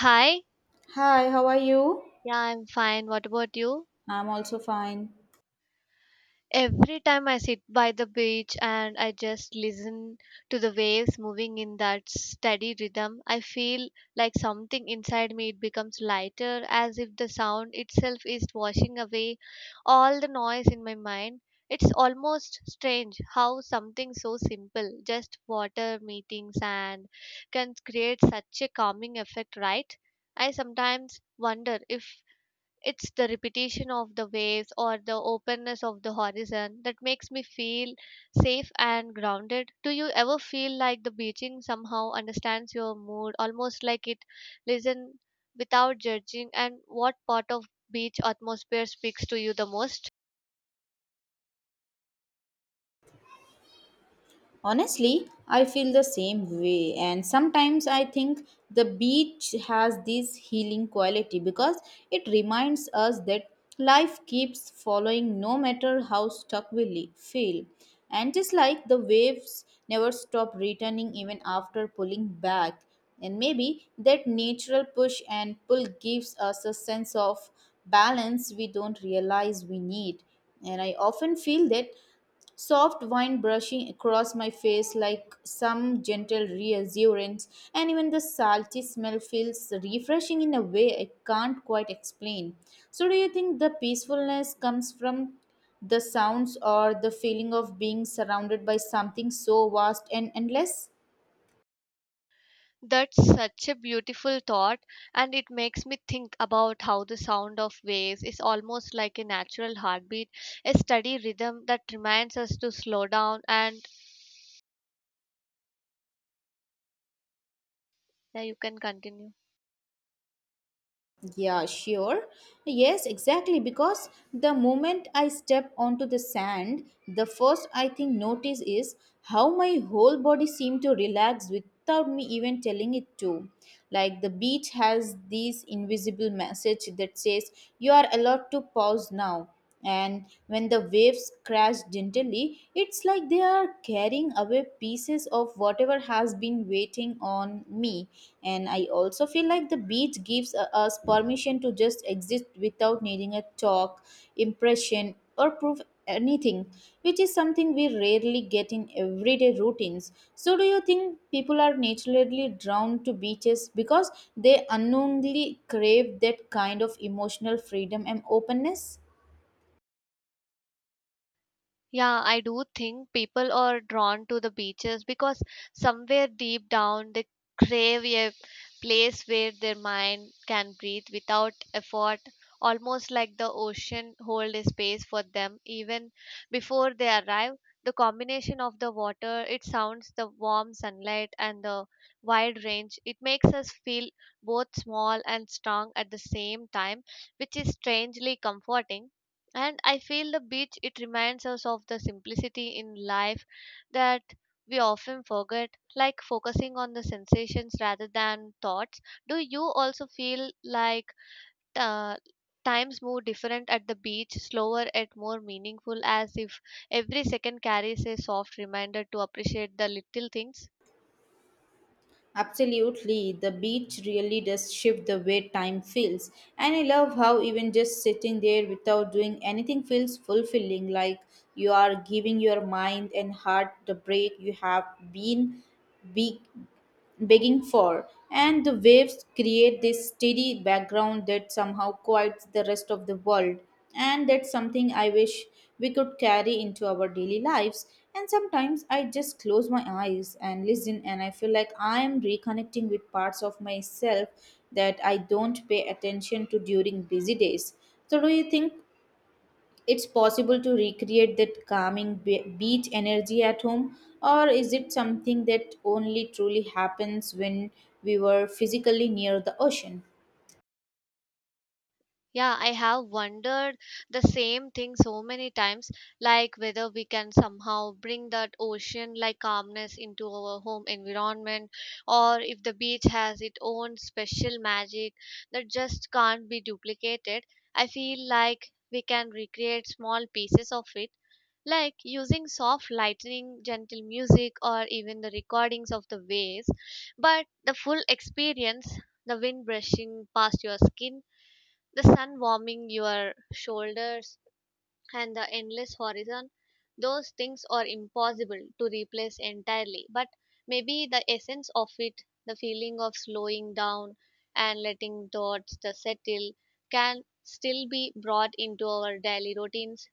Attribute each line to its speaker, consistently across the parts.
Speaker 1: Hi,
Speaker 2: Hi, how are you?
Speaker 1: yeah, I'm fine. What about you?
Speaker 2: I'm also fine.
Speaker 1: Every time I sit by the beach and I just listen to the waves moving in that steady rhythm, I feel like something inside me it becomes lighter, as if the sound itself is washing away all the noise in my mind. It's almost strange how something so simple, just water meeting sand, can create such a calming effect, right? I sometimes wonder if it's the repetition of the waves or the openness of the horizon that makes me feel safe and grounded. Do you ever feel like the beaching somehow understands your mood, almost like it listen without judging? And what part of beach atmosphere speaks to you the most?
Speaker 2: Honestly, I feel the same way, and sometimes I think the beach has this healing quality because it reminds us that life keeps following no matter how stuck we feel. And just like the waves never stop returning even after pulling back, and maybe that natural push and pull gives us a sense of balance we don't realize we need. And I often feel that soft wind brushing across my face like some gentle reassurance, and even the salty smell feels refreshing in a way I can't quite explain. So, do you think the peacefulness comes from the sounds or the feeling of being surrounded by something so vast and endless?
Speaker 1: That's such a beautiful thought, and it makes me think about how the sound of waves is almost like a natural heartbeat, a steady rhythm that reminds us to slow down. And yeah, you can continue.
Speaker 2: Yeah, sure. Yes, exactly. Because the moment I step onto the sand, the first I think notice is how my whole body seemed to relax without me even telling it to. Like the beach has this invisible message that says, you are allowed to pause now, and when the waves crash gently, it's like they are carrying away pieces of whatever has been waiting on me. And I also feel like the beach gives us permission to just exist without needing a talk, impression, or proof anything, which is something we rarely get in everyday routines. So, do you think people are naturally drawn to beaches because they unknowingly crave that kind of emotional freedom and openness?
Speaker 1: Yeah, I do think people are drawn to the beaches because somewhere deep down they crave a place where their mind can breathe without effort, almost like the ocean hold a space for them even before they arrive. The combination of the water, it sounds the warm sunlight and the wide range, it makes us feel both small and strong at the same time, which is strangely comforting. And I feel the beach it reminds us of the simplicity in life that we often forget, like focusing on the sensations rather than thoughts. Do you also feel like uh, times move different at the beach, slower and more meaningful, as if every second carries a soft reminder to appreciate the little things?
Speaker 2: Absolutely, the beach really does shift the way time feels. And I love how even just sitting there without doing anything feels fulfilling, like you are giving your mind and heart the break you have been big begging for, and the waves create this steady background that somehow quiets the rest of the world. And that's something I wish we could carry into our daily lives. And sometimes I just close my eyes and listen, and I feel like I am reconnecting with parts of myself that I don't pay attention to during busy days. So, do you think it's possible to recreate that calming beach energy at home, or is it something that only truly happens when we were physically near the ocean?
Speaker 1: Yeah, I have wondered the same thing so many times, like whether we can somehow bring that ocean like calmness into our home environment, or if the beach has its own special magic that just can't be duplicated. I feel like we can recreate small pieces of it, like using soft lightning, gentle music, or even the recordings of the waves, but the full experience. The wind brushing past your skin, the sun warming your shoulders, and the endless horizon, those things are impossible to replace entirely, but maybe the essence of it, the feeling of slowing down and letting thoughts to settle, can still be brought into our daily routines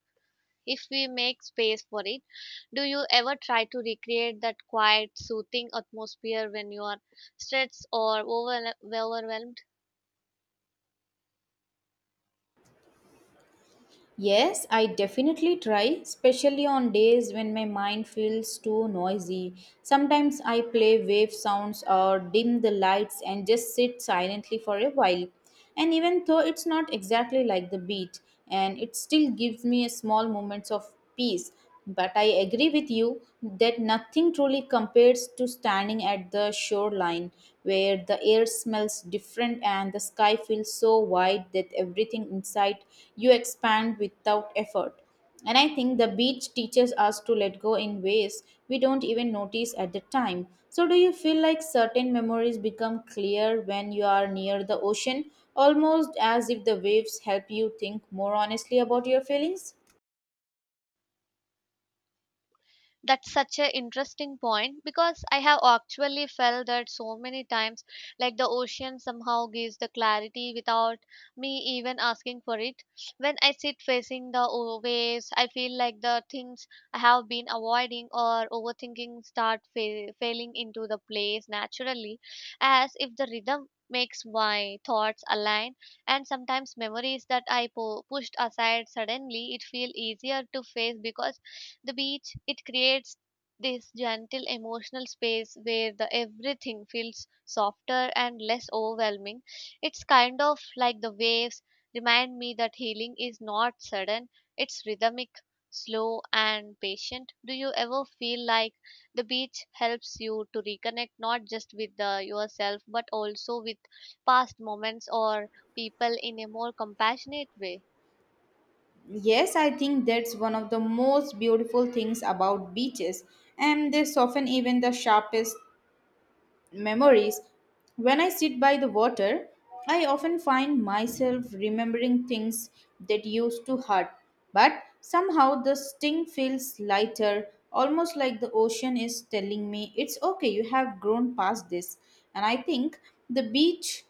Speaker 1: if we make space for it. Do you ever try to recreate that quiet soothing atmosphere when you are stressed or overwhelmed?
Speaker 2: Yes, I definitely try, especially on days when my mind feels too noisy. Sometimes I play wave sounds or dim the lights and just sit silently for a while, and even though it's not exactly like the beach, and it still gives me a small moments of peace. But I agree with you that nothing truly compares to standing at the shoreline, where the air smells different and the sky feels so wide that everything inside you expand without effort. And I think the beach teaches us to let go in ways we don't even notice at the time. So, do you feel like certain memories become clear when you are near the ocean, almost as if the waves help you think more honestly about your feelings?
Speaker 1: That's such an interesting point, because I have actually felt that so many times, like the ocean somehow gives the clarity without me even asking for it. When I sit facing the waves, I feel like the things I have been avoiding or overthinking start failing into the place naturally, as if the rhythm makes my thoughts align. And sometimes memories that I pushed aside suddenly it feel easier to face, because the beach, it creates this gentle emotional space where the everything feels softer and less overwhelming. It's kind of like the waves remind me that healing is not sudden, it's rhythmic, slow and patient. Do you ever feel like the beach helps you to reconnect not just with the, yourself but also with past moments or people in a more compassionate way?
Speaker 2: Yes, I think that's one of the most beautiful things about beaches, and they soften even the sharpest memories. When I sit by the water, I often find myself remembering things that used to hurt, but somehow the sting feels lighter, almost like the ocean is telling me it's okay, you have grown past this. And I think the beach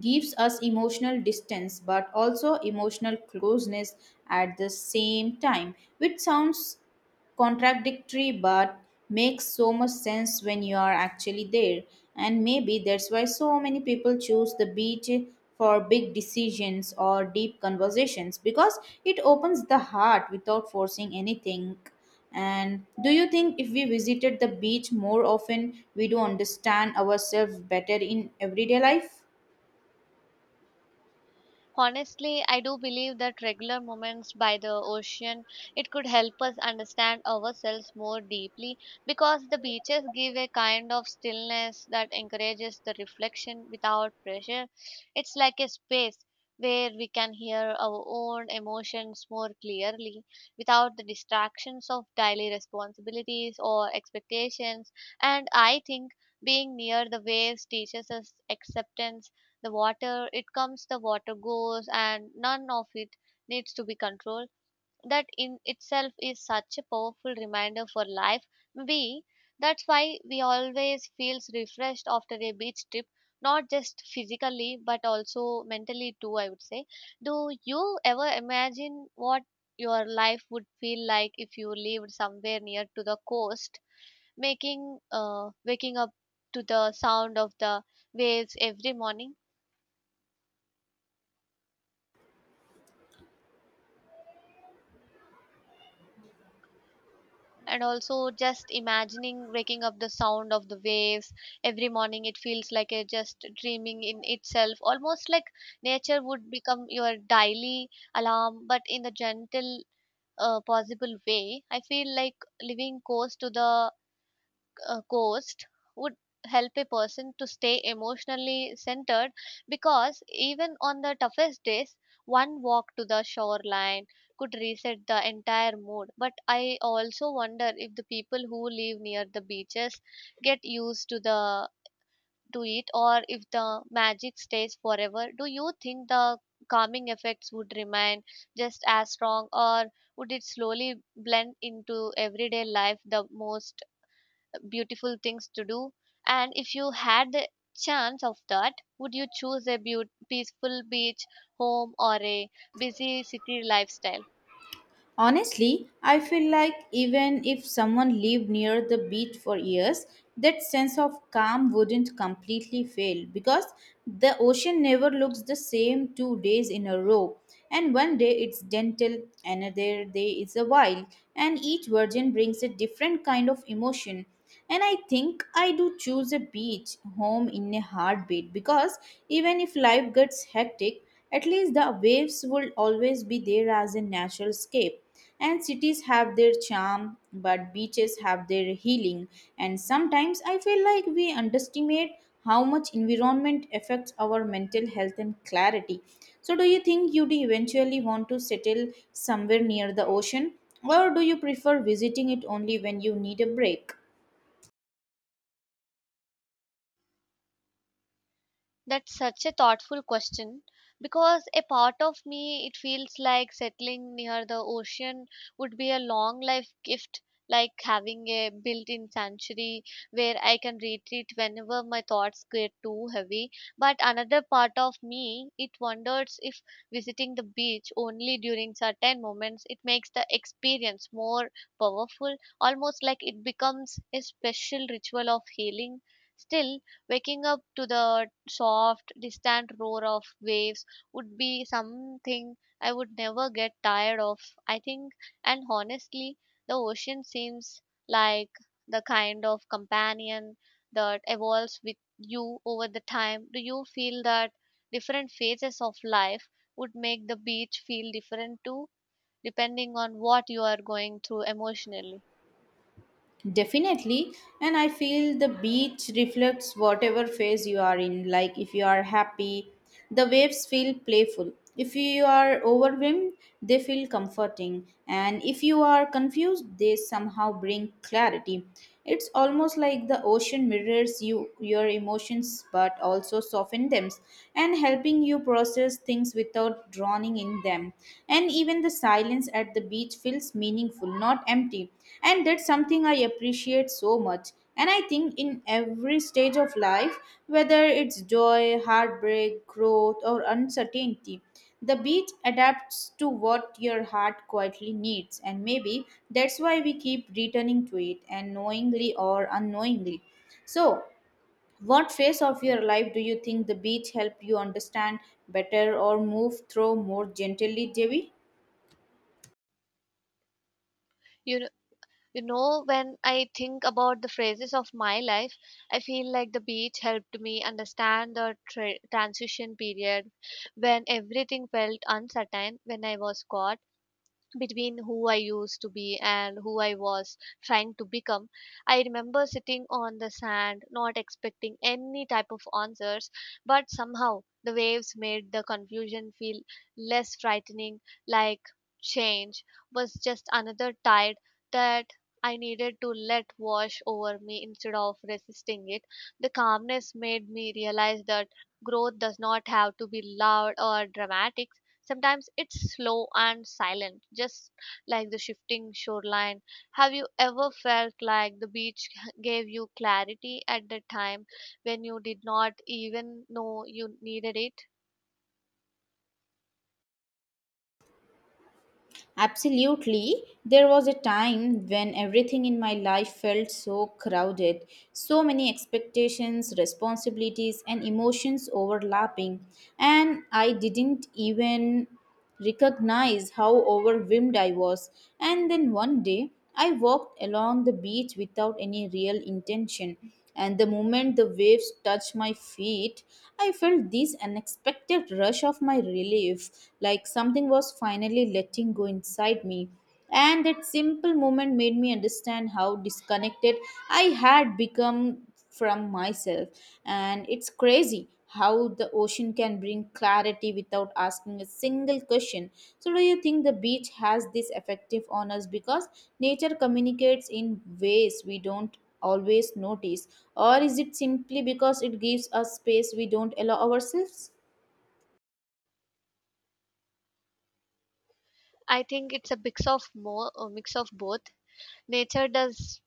Speaker 2: gives us emotional distance but also emotional closeness at the same time, which sounds contradictory but makes so much sense when you are actually there. And maybe that's why so many people choose the beach for big decisions or deep conversations, because it opens the heart without forcing anything. And do you think if we visited the beach more often, we do understand ourselves better in everyday life?
Speaker 1: Honestly, I do believe that regular moments by the ocean it could help us understand ourselves more deeply, because the beaches give a kind of stillness that encourages the reflection without pressure. It's like a space where we can hear our own emotions more clearly without the distractions of daily responsibilities or expectations. And I think being near the waves teaches us acceptance. The water it comes, the water goes, and none of it needs to be controlled. That in itself is such a powerful reminder for life. We That's why we always feels refreshed after a beach trip, not just physically but also mentally too, I would say. Do you ever imagine what your life would feel like if you lived somewhere near to the coast, making waking up to the sound of the waves every morning? And also, just imagining waking up the sound of the waves every morning, it feels like a just dreaming in itself, almost like nature would become your daily alarm, but in a gentle possible way. I feel like living close to the coast would help a person to stay emotionally centered, because even on the toughest days, one walk to the shoreline could reset the entire mood. But I also wonder if the people who live near the beaches get used to the to it, or if the magic stays forever. Do you think the calming effects would remain just as strong, or would it slowly blend into everyday life, the most beautiful things to do? And if you had the chance of that, would you choose a peaceful beach home or a busy city lifestyle?
Speaker 2: Honestly, I feel like even if someone lived near the beach for years, that sense of calm wouldn't completely fail, because the ocean never looks the same two days in a row. And one day it's gentle, another day it's a wild, and each version brings a different kind of emotion. And I think I do choose a beach home in a heartbeat, because even if life gets hectic, at least the waves will always be there as a natural scape. And cities have their charm, but beaches have their healing. And sometimes I feel like we underestimate how much environment affects our mental health and clarity. So, do you think you'd eventually want to settle somewhere near the ocean, or do you prefer visiting it only when you need a break?
Speaker 1: That's such a thoughtful question, because a part of me it feels like settling near the ocean would be a long life gift, like having a built-in sanctuary where I can retreat whenever my thoughts get too heavy. But another part of me it wonders if visiting the beach only during certain moments it makes the experience more powerful, almost like it becomes a special ritual of healing. Still, waking up to the soft, distant roar of waves would be something I would never get tired of, I think. And honestly, the ocean seems like the kind of companion that evolves with you over the time. Do you feel that different phases of life would make the beach feel different too, depending on what you are going through emotionally?
Speaker 2: Definitely, and I feel the beach reflects whatever phase you are in. Like if you are happy, the waves feel playful. If you are overwhelmed, they feel comforting. And if you are confused, they somehow bring clarity. It's almost like the ocean mirrors you, your emotions, but also soften them and helping you process things without drowning in them. And even the silence at the beach feels meaningful, not empty. And that's something I appreciate so much. And I think in every stage of life, whether it's joy, heartbreak, growth, or uncertainty, the beach adapts to what your heart quietly needs, and maybe that's why we keep returning to it, and knowingly or unknowingly. So, what phase of your life do you think the beach helped you understand better or move through more gently, Devi?
Speaker 1: You know, You know, when I think about the phases of my life, I feel like the beach helped me understand the transition period when everything felt uncertain, when I was caught between who I used to be and who I was trying to become. I remember sitting on the sand, not expecting any type of answers, but somehow the waves made the confusion feel less frightening, like change was just another tide that I needed to let wash over me instead of resisting it. The calmness made me realize that growth does not have to be loud or dramatic. Sometimes it's slow and silent, just like the shifting shoreline. Have you ever felt like the beach gave you clarity at the time when you did not even know you needed it?
Speaker 2: Absolutely. There was a time when everything in my life felt so crowded, so many expectations, responsibilities, and emotions overlapping, and I didn't even recognize how overwhelmed I was. And then one day, I walked along the beach without any real intention, and the moment the waves touched my feet, I felt this unexpected rush of my relief, like something was finally letting go inside me. And that simple moment made me understand how disconnected I had become from myself. And it's crazy how the ocean can bring clarity without asking a single question. So, do you think the beach has this effective on us because nature communicates in ways we don't always notice? Or is it simply because it gives us space we don't allow ourselves?
Speaker 1: I think it's a mix of more a mix of both. Nature does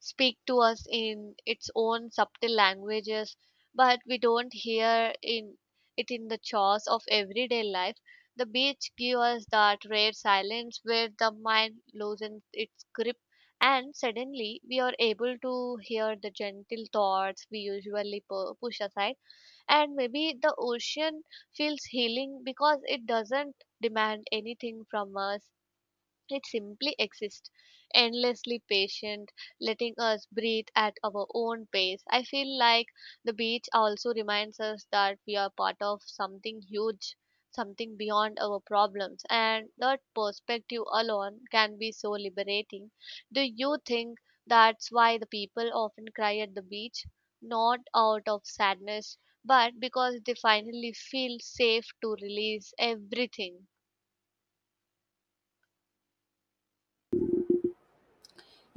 Speaker 1: speak to us in its own subtle languages, but we don't hear in it in the chores of everyday life. The beach gives us that rare silence where the mind loosens its grip, and suddenly we are able to hear the gentle thoughts we usually push aside. And maybe the ocean feels healing because it doesn't demand anything from us, it simply exists, endlessly patient, letting us breathe at our own pace. I feel like the beach also reminds us that we are part of something huge, something beyond our problems, and that perspective alone can be so liberating. Do you think that's why the people often cry at the beach? Not out of sadness, but because they finally feel safe to release everything.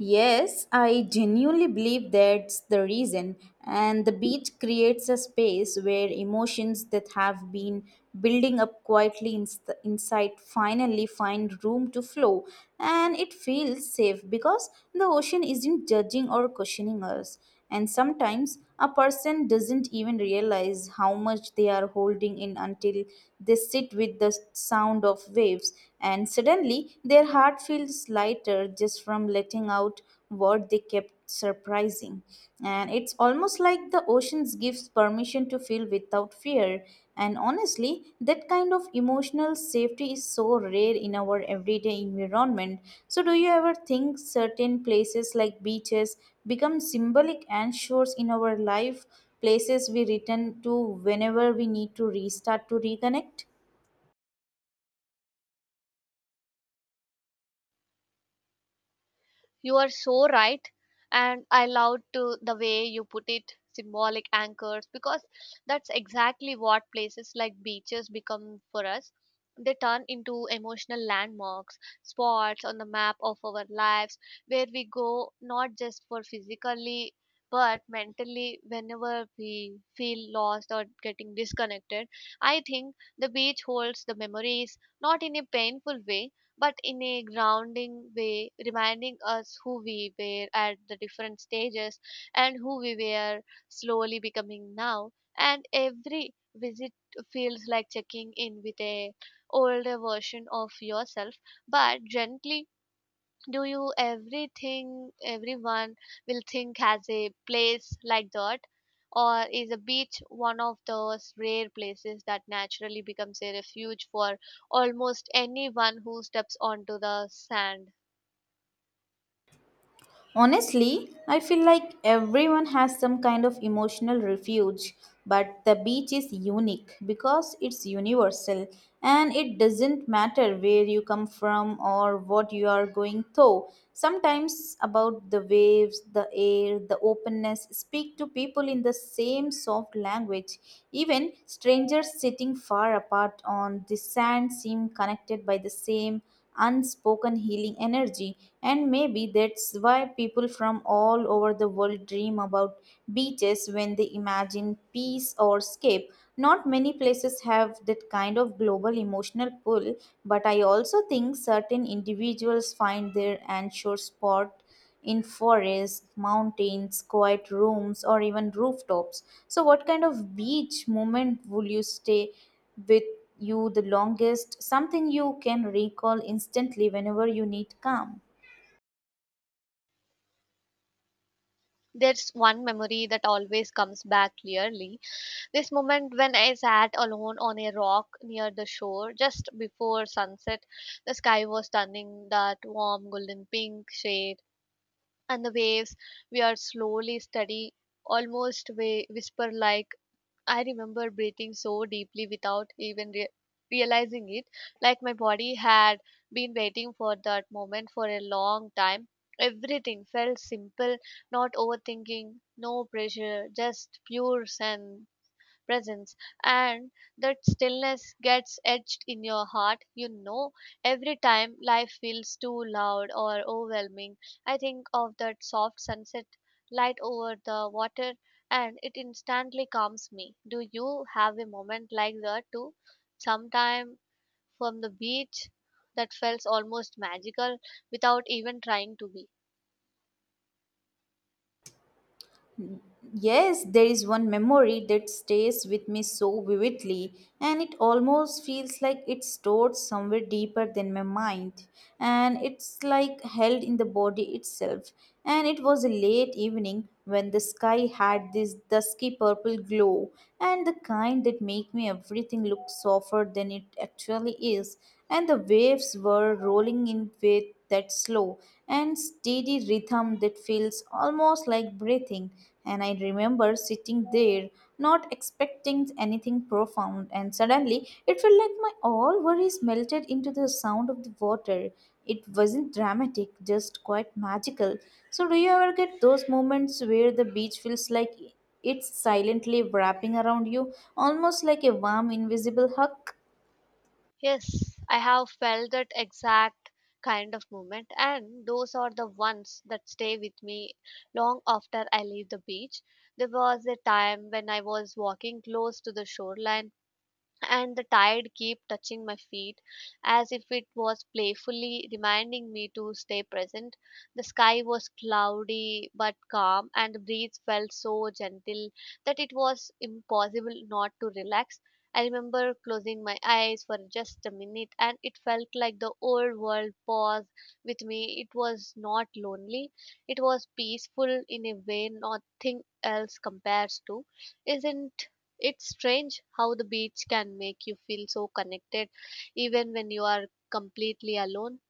Speaker 2: Yes, I genuinely believe that's the reason. And the beach creates a space where emotions that have been building up quietly inside finally find room to flow. And it feels safe because the ocean isn't judging or questioning us. And sometimes a person doesn't even realize how much they are holding in until they sit with the sound of waves, and suddenly their heart feels lighter just from letting out what they kept surprising. And it's almost like the oceans gives permission to freedom to feel without fear. And honestly, that kind of emotional safety is so rare in our everyday environment. So, do you ever think certain places like beaches become symbolic anchors in our life, places we return to whenever we need to restart to reconnect?
Speaker 1: You are so right. And I loved to the way you put it, symbolic anchors, because that's exactly what places like beaches become for us. They turn into emotional landmarks, spots on the map of our lives where we go not just for physically but mentally whenever we feel lost or getting disconnected. I think the beach holds the memories not in a painful way but in a grounding way, reminding us who we were at the different stages and who we were slowly becoming now. And every visit feels like checking in with a older version of yourself, but gently. Do you everything everyone will think has a place like that, or is a beach one of those rare places that naturally becomes a refuge for almost anyone who steps onto the sand?
Speaker 2: Honestly, I feel like everyone has some kind of emotional refuge, but the beach is unique because it's universal, and it doesn't matter where you come from or what you are going through. Sometimes, about the waves, the air, the openness, speak to people in the same soft language. Even strangers sitting far apart on the sand seem connected by the same unspoken healing energy. And maybe that's why people from all over the world dream about beaches when they imagine peace or escape. Not many places have that kind of global emotional pull, but I also think certain individuals find their anchor spot in forests, mountains, quiet rooms, or even rooftops. So, what kind of beach moment will you stay with you the longest? Something you can recall instantly whenever you need calm.
Speaker 1: There's one memory that always comes back clearly. This moment when I sat alone on a rock near the shore just before sunset, the sky was turning that warm golden pink shade, and the waves we are slowly steady, almost way whisper like. I remember breathing so deeply without even realizing it, like my body had been waiting for that moment for a long time. Everything felt simple, not overthinking, no pressure, just pure sense presence. And that stillness gets etched in your heart, every time life feels too loud or overwhelming, I think of that soft sunset light over the water, and it instantly calms me. Do you have a moment like that too, sometime from the beach, that felt almost magical without even trying to be?
Speaker 2: Yes, there is one memory that stays with me so vividly, and it almost feels like it's stored somewhere deeper than my mind, and it's like held in the body itself. And it was a late evening when the sky had this dusky purple glow, and the kind that make me everything look softer than it actually is, and the waves were rolling in with that slow and steady rhythm that feels almost like breathing. And I remember sitting there, not expecting anything profound, and suddenly it felt like my all worries melted into the sound of the water. It wasn't dramatic, just quite magical. So, do you ever get those moments where the beach feels like it's silently wrapping around you, almost like a warm, invisible hug?
Speaker 1: Yes, I have felt that exact kind of moment, and those are the ones that stay with me long after I leave the beach. There was a time when I was walking close to the shoreline and the tide keep touching my feet, as if it was playfully reminding me to stay present. The sky was cloudy but calm, and the breeze felt so gentle that it was impossible not to relax. I remember closing my eyes for just a minute, and it felt like the old world paused with me. It was not lonely, it was peaceful in a way nothing else compares to. Isn't it's strange how the beach can make you feel so connected even when you are completely alone.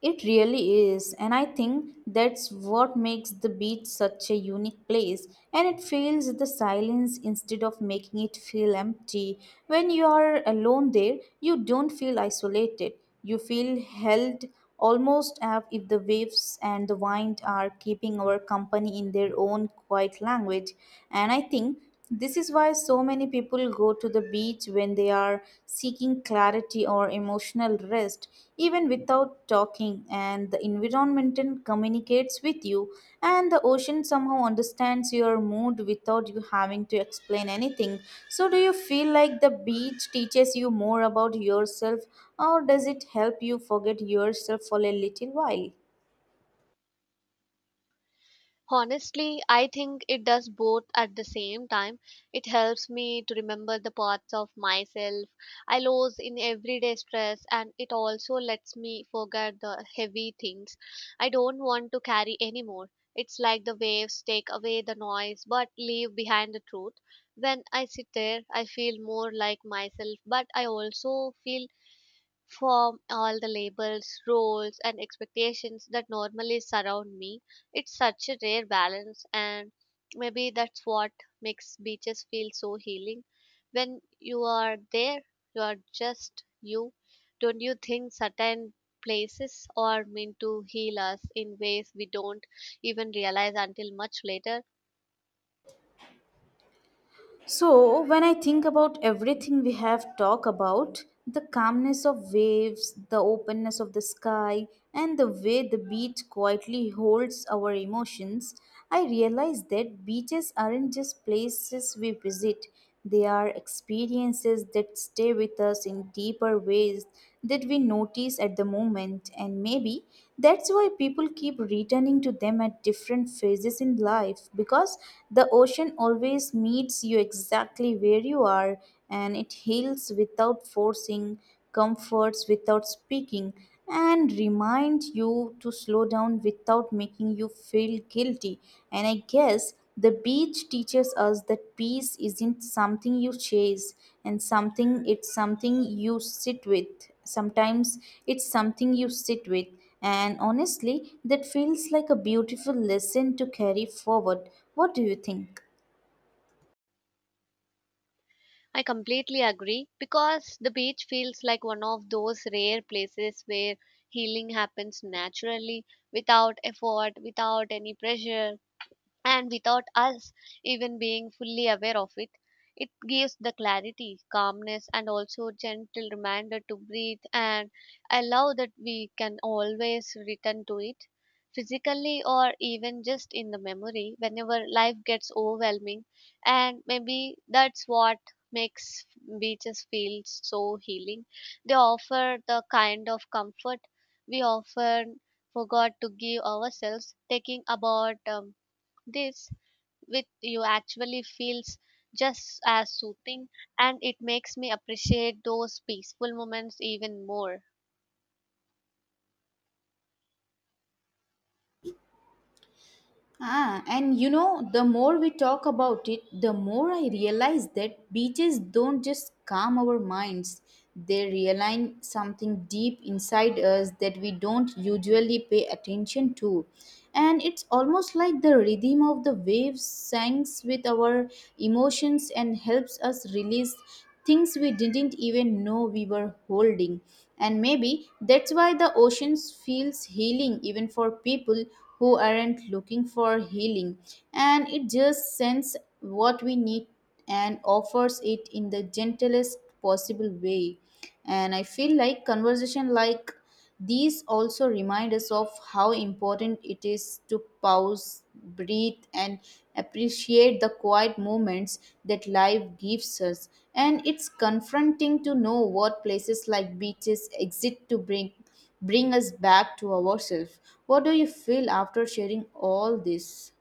Speaker 2: It really is, and I think that's what makes the beach such a unique place. And it fills the silence instead of making it feel empty. When you are alone there, you don't feel isolated. You feel held, almost as if the waves and the wind are keeping our company in their own quiet language. And I think this is why so many people go to the beach when they are seeking clarity or emotional rest, even without talking. And the environment and communicates with you, and the ocean somehow understands your mood without you having to explain anything. So, do you feel like the beach teaches you more about yourself, or does it help you forget yourself for a little while?
Speaker 1: Honestly, I think it does both at the same time. It helps me to remember the parts of myself I lose in everyday stress, and it also lets me forget the heavy things I don't want to carry anymore. It's like the waves take away the noise but leave behind the truth. When I sit there, I feel more like myself, but I also feel from all the labels, roles, and expectations that normally surround me. It's such a rare balance, and maybe that's what makes beaches feel so healing. When you are there, you are just you. Don't you think certain places are meant to heal us in ways we don't even realize until much later?
Speaker 2: So, when I think about everything we have talked about, the calmness of waves, the openness of the sky, and the way the beach quietly holds our emotions, I realize that beaches aren't just places we visit. They are experiences that stay with us in deeper ways that we notice at the moment, and maybe that's why people keep returning to them at different phases in life because the ocean always meets you exactly where you are and it heals without forcing, comforts without speaking, and remind you to slow down without making you feel guilty. And I guess the beach teaches us that peace isn't something you chase and something, it's something you sit with. Sometimes it's something you sit with. And honestly, that feels like a beautiful lesson to carry forward. What do you think?
Speaker 1: I completely agree, because the beach feels like one of those rare places where healing happens naturally, without effort, without any pressure, and without us even being fully aware of it. It gives the clarity, calmness, and also gentle reminder to breathe and allow that we can always return to it physically, or even just in the memory, whenever life gets overwhelming. And maybe that's what makes beaches feel so healing. They offer the kind of comfort we often forgot to give ourselves. Taking about this with you actually feels just as soothing, and it makes me appreciate those peaceful moments even more.
Speaker 2: Ah, and you know, the more we talk about it, the more I realize that beaches don't just calm our minds. They realign something deep inside us that we don't usually pay attention to. And it's almost like the rhythm of the waves syncs with our emotions and helps us release things we didn't even know we were holding. And maybe that's why the oceans feels healing even for people who aren't looking for healing. And it just sends what we need and offers it in the gentlest possible way, and I feel like conversation like these also remind us of how important it is to pause, breathe, and appreciate the quiet moments that life gives us. And it's confronting to know what places like beaches exist to bring us back to ourselves. What do you feel after sharing all this?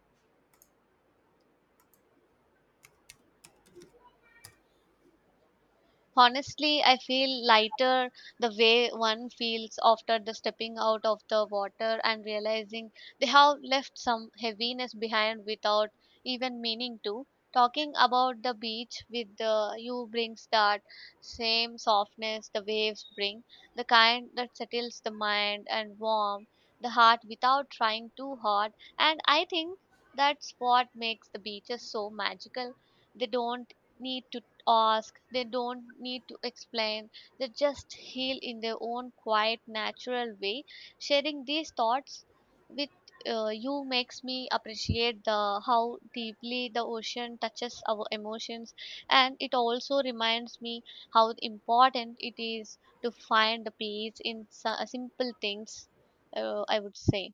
Speaker 1: Honestly, I feel lighter, the way one feels after the stepping out of the water and realizing they have left some heaviness behind without even meaning to. Talking about the beach with the, you brings that same softness the waves bring, the kind that settles the mind and warm the heart without trying too hard. And I think that's what makes the beaches so magical. They don't need to ask, they don't need to explain, they just heal in their own quiet, natural way. Sharing these thoughts with you makes me appreciate the how deeply the ocean touches our emotions, and it also reminds me how important it is to find the peace in simple things, I would say.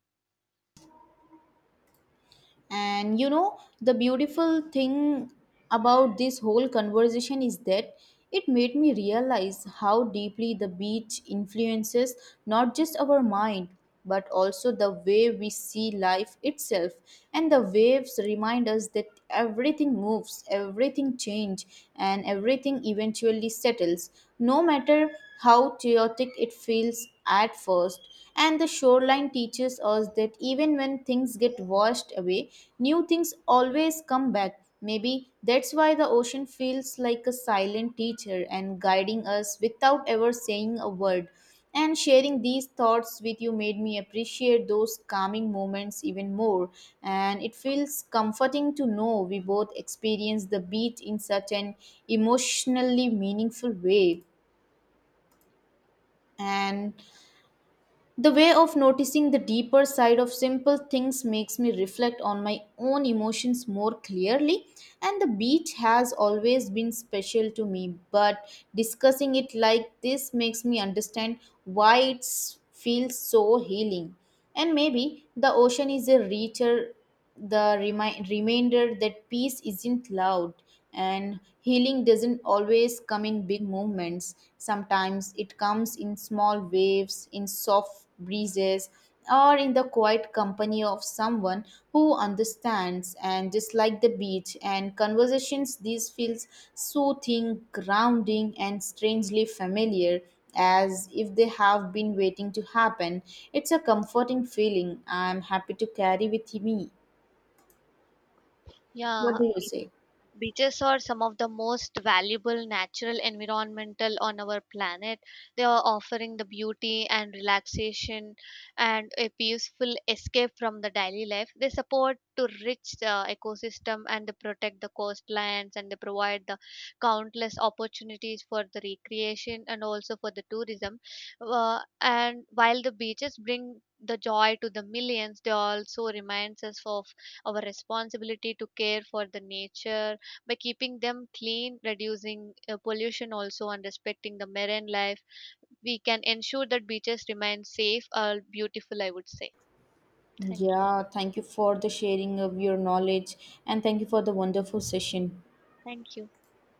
Speaker 2: And you know, the beautiful thing about this whole conversation is that it made me realize how deeply the beach influences not just our mind, but also the way we see life itself. And the waves remind us that everything moves, everything changes, and everything eventually settles, no matter how chaotic it feels at first. And the shoreline teaches us that even when things get washed away, new things always come back. Maybe that's why the ocean feels like a silent teacher and guiding us without ever saying a word. And sharing these thoughts with you made me appreciate those calming moments even more. And it feels comforting to know we both experience the beat in such an emotionally meaningful way. And the way of noticing the deeper side of simple things makes me reflect on my own emotions more clearly, and the beach has always been special to me. But discussing it like this makes me understand why it feels so healing. And maybe the ocean is a richer reminder that peace isn't loud and healing doesn't always come in big movements. Sometimes it comes in small waves, in soft breezes, or in the quiet company of someone who understands. And just like the beach and conversations, these feels soothing, grounding, and strangely familiar, as if they have been waiting to happen. It's a comforting feeling I am happy to carry with me.
Speaker 1: Yeah.
Speaker 2: What do you say?
Speaker 1: Beaches are some of the most valuable natural environmental on our planet. They are offering the beauty and relaxation and a peaceful escape from the daily life. They support to rich ecosystem, and they protect the coastlines, and they provide the countless opportunities for the recreation and also for the tourism. And while the beaches bring the joy to the millions, they also reminds us of our responsibility to care for the nature. By keeping them clean, reducing pollution also, and respecting the marine life, we can ensure that beaches remain safe or beautiful, I would say. Thank you.
Speaker 2: Yeah, thank you for the sharing of your knowledge and thank you for the wonderful session.
Speaker 1: Thank you.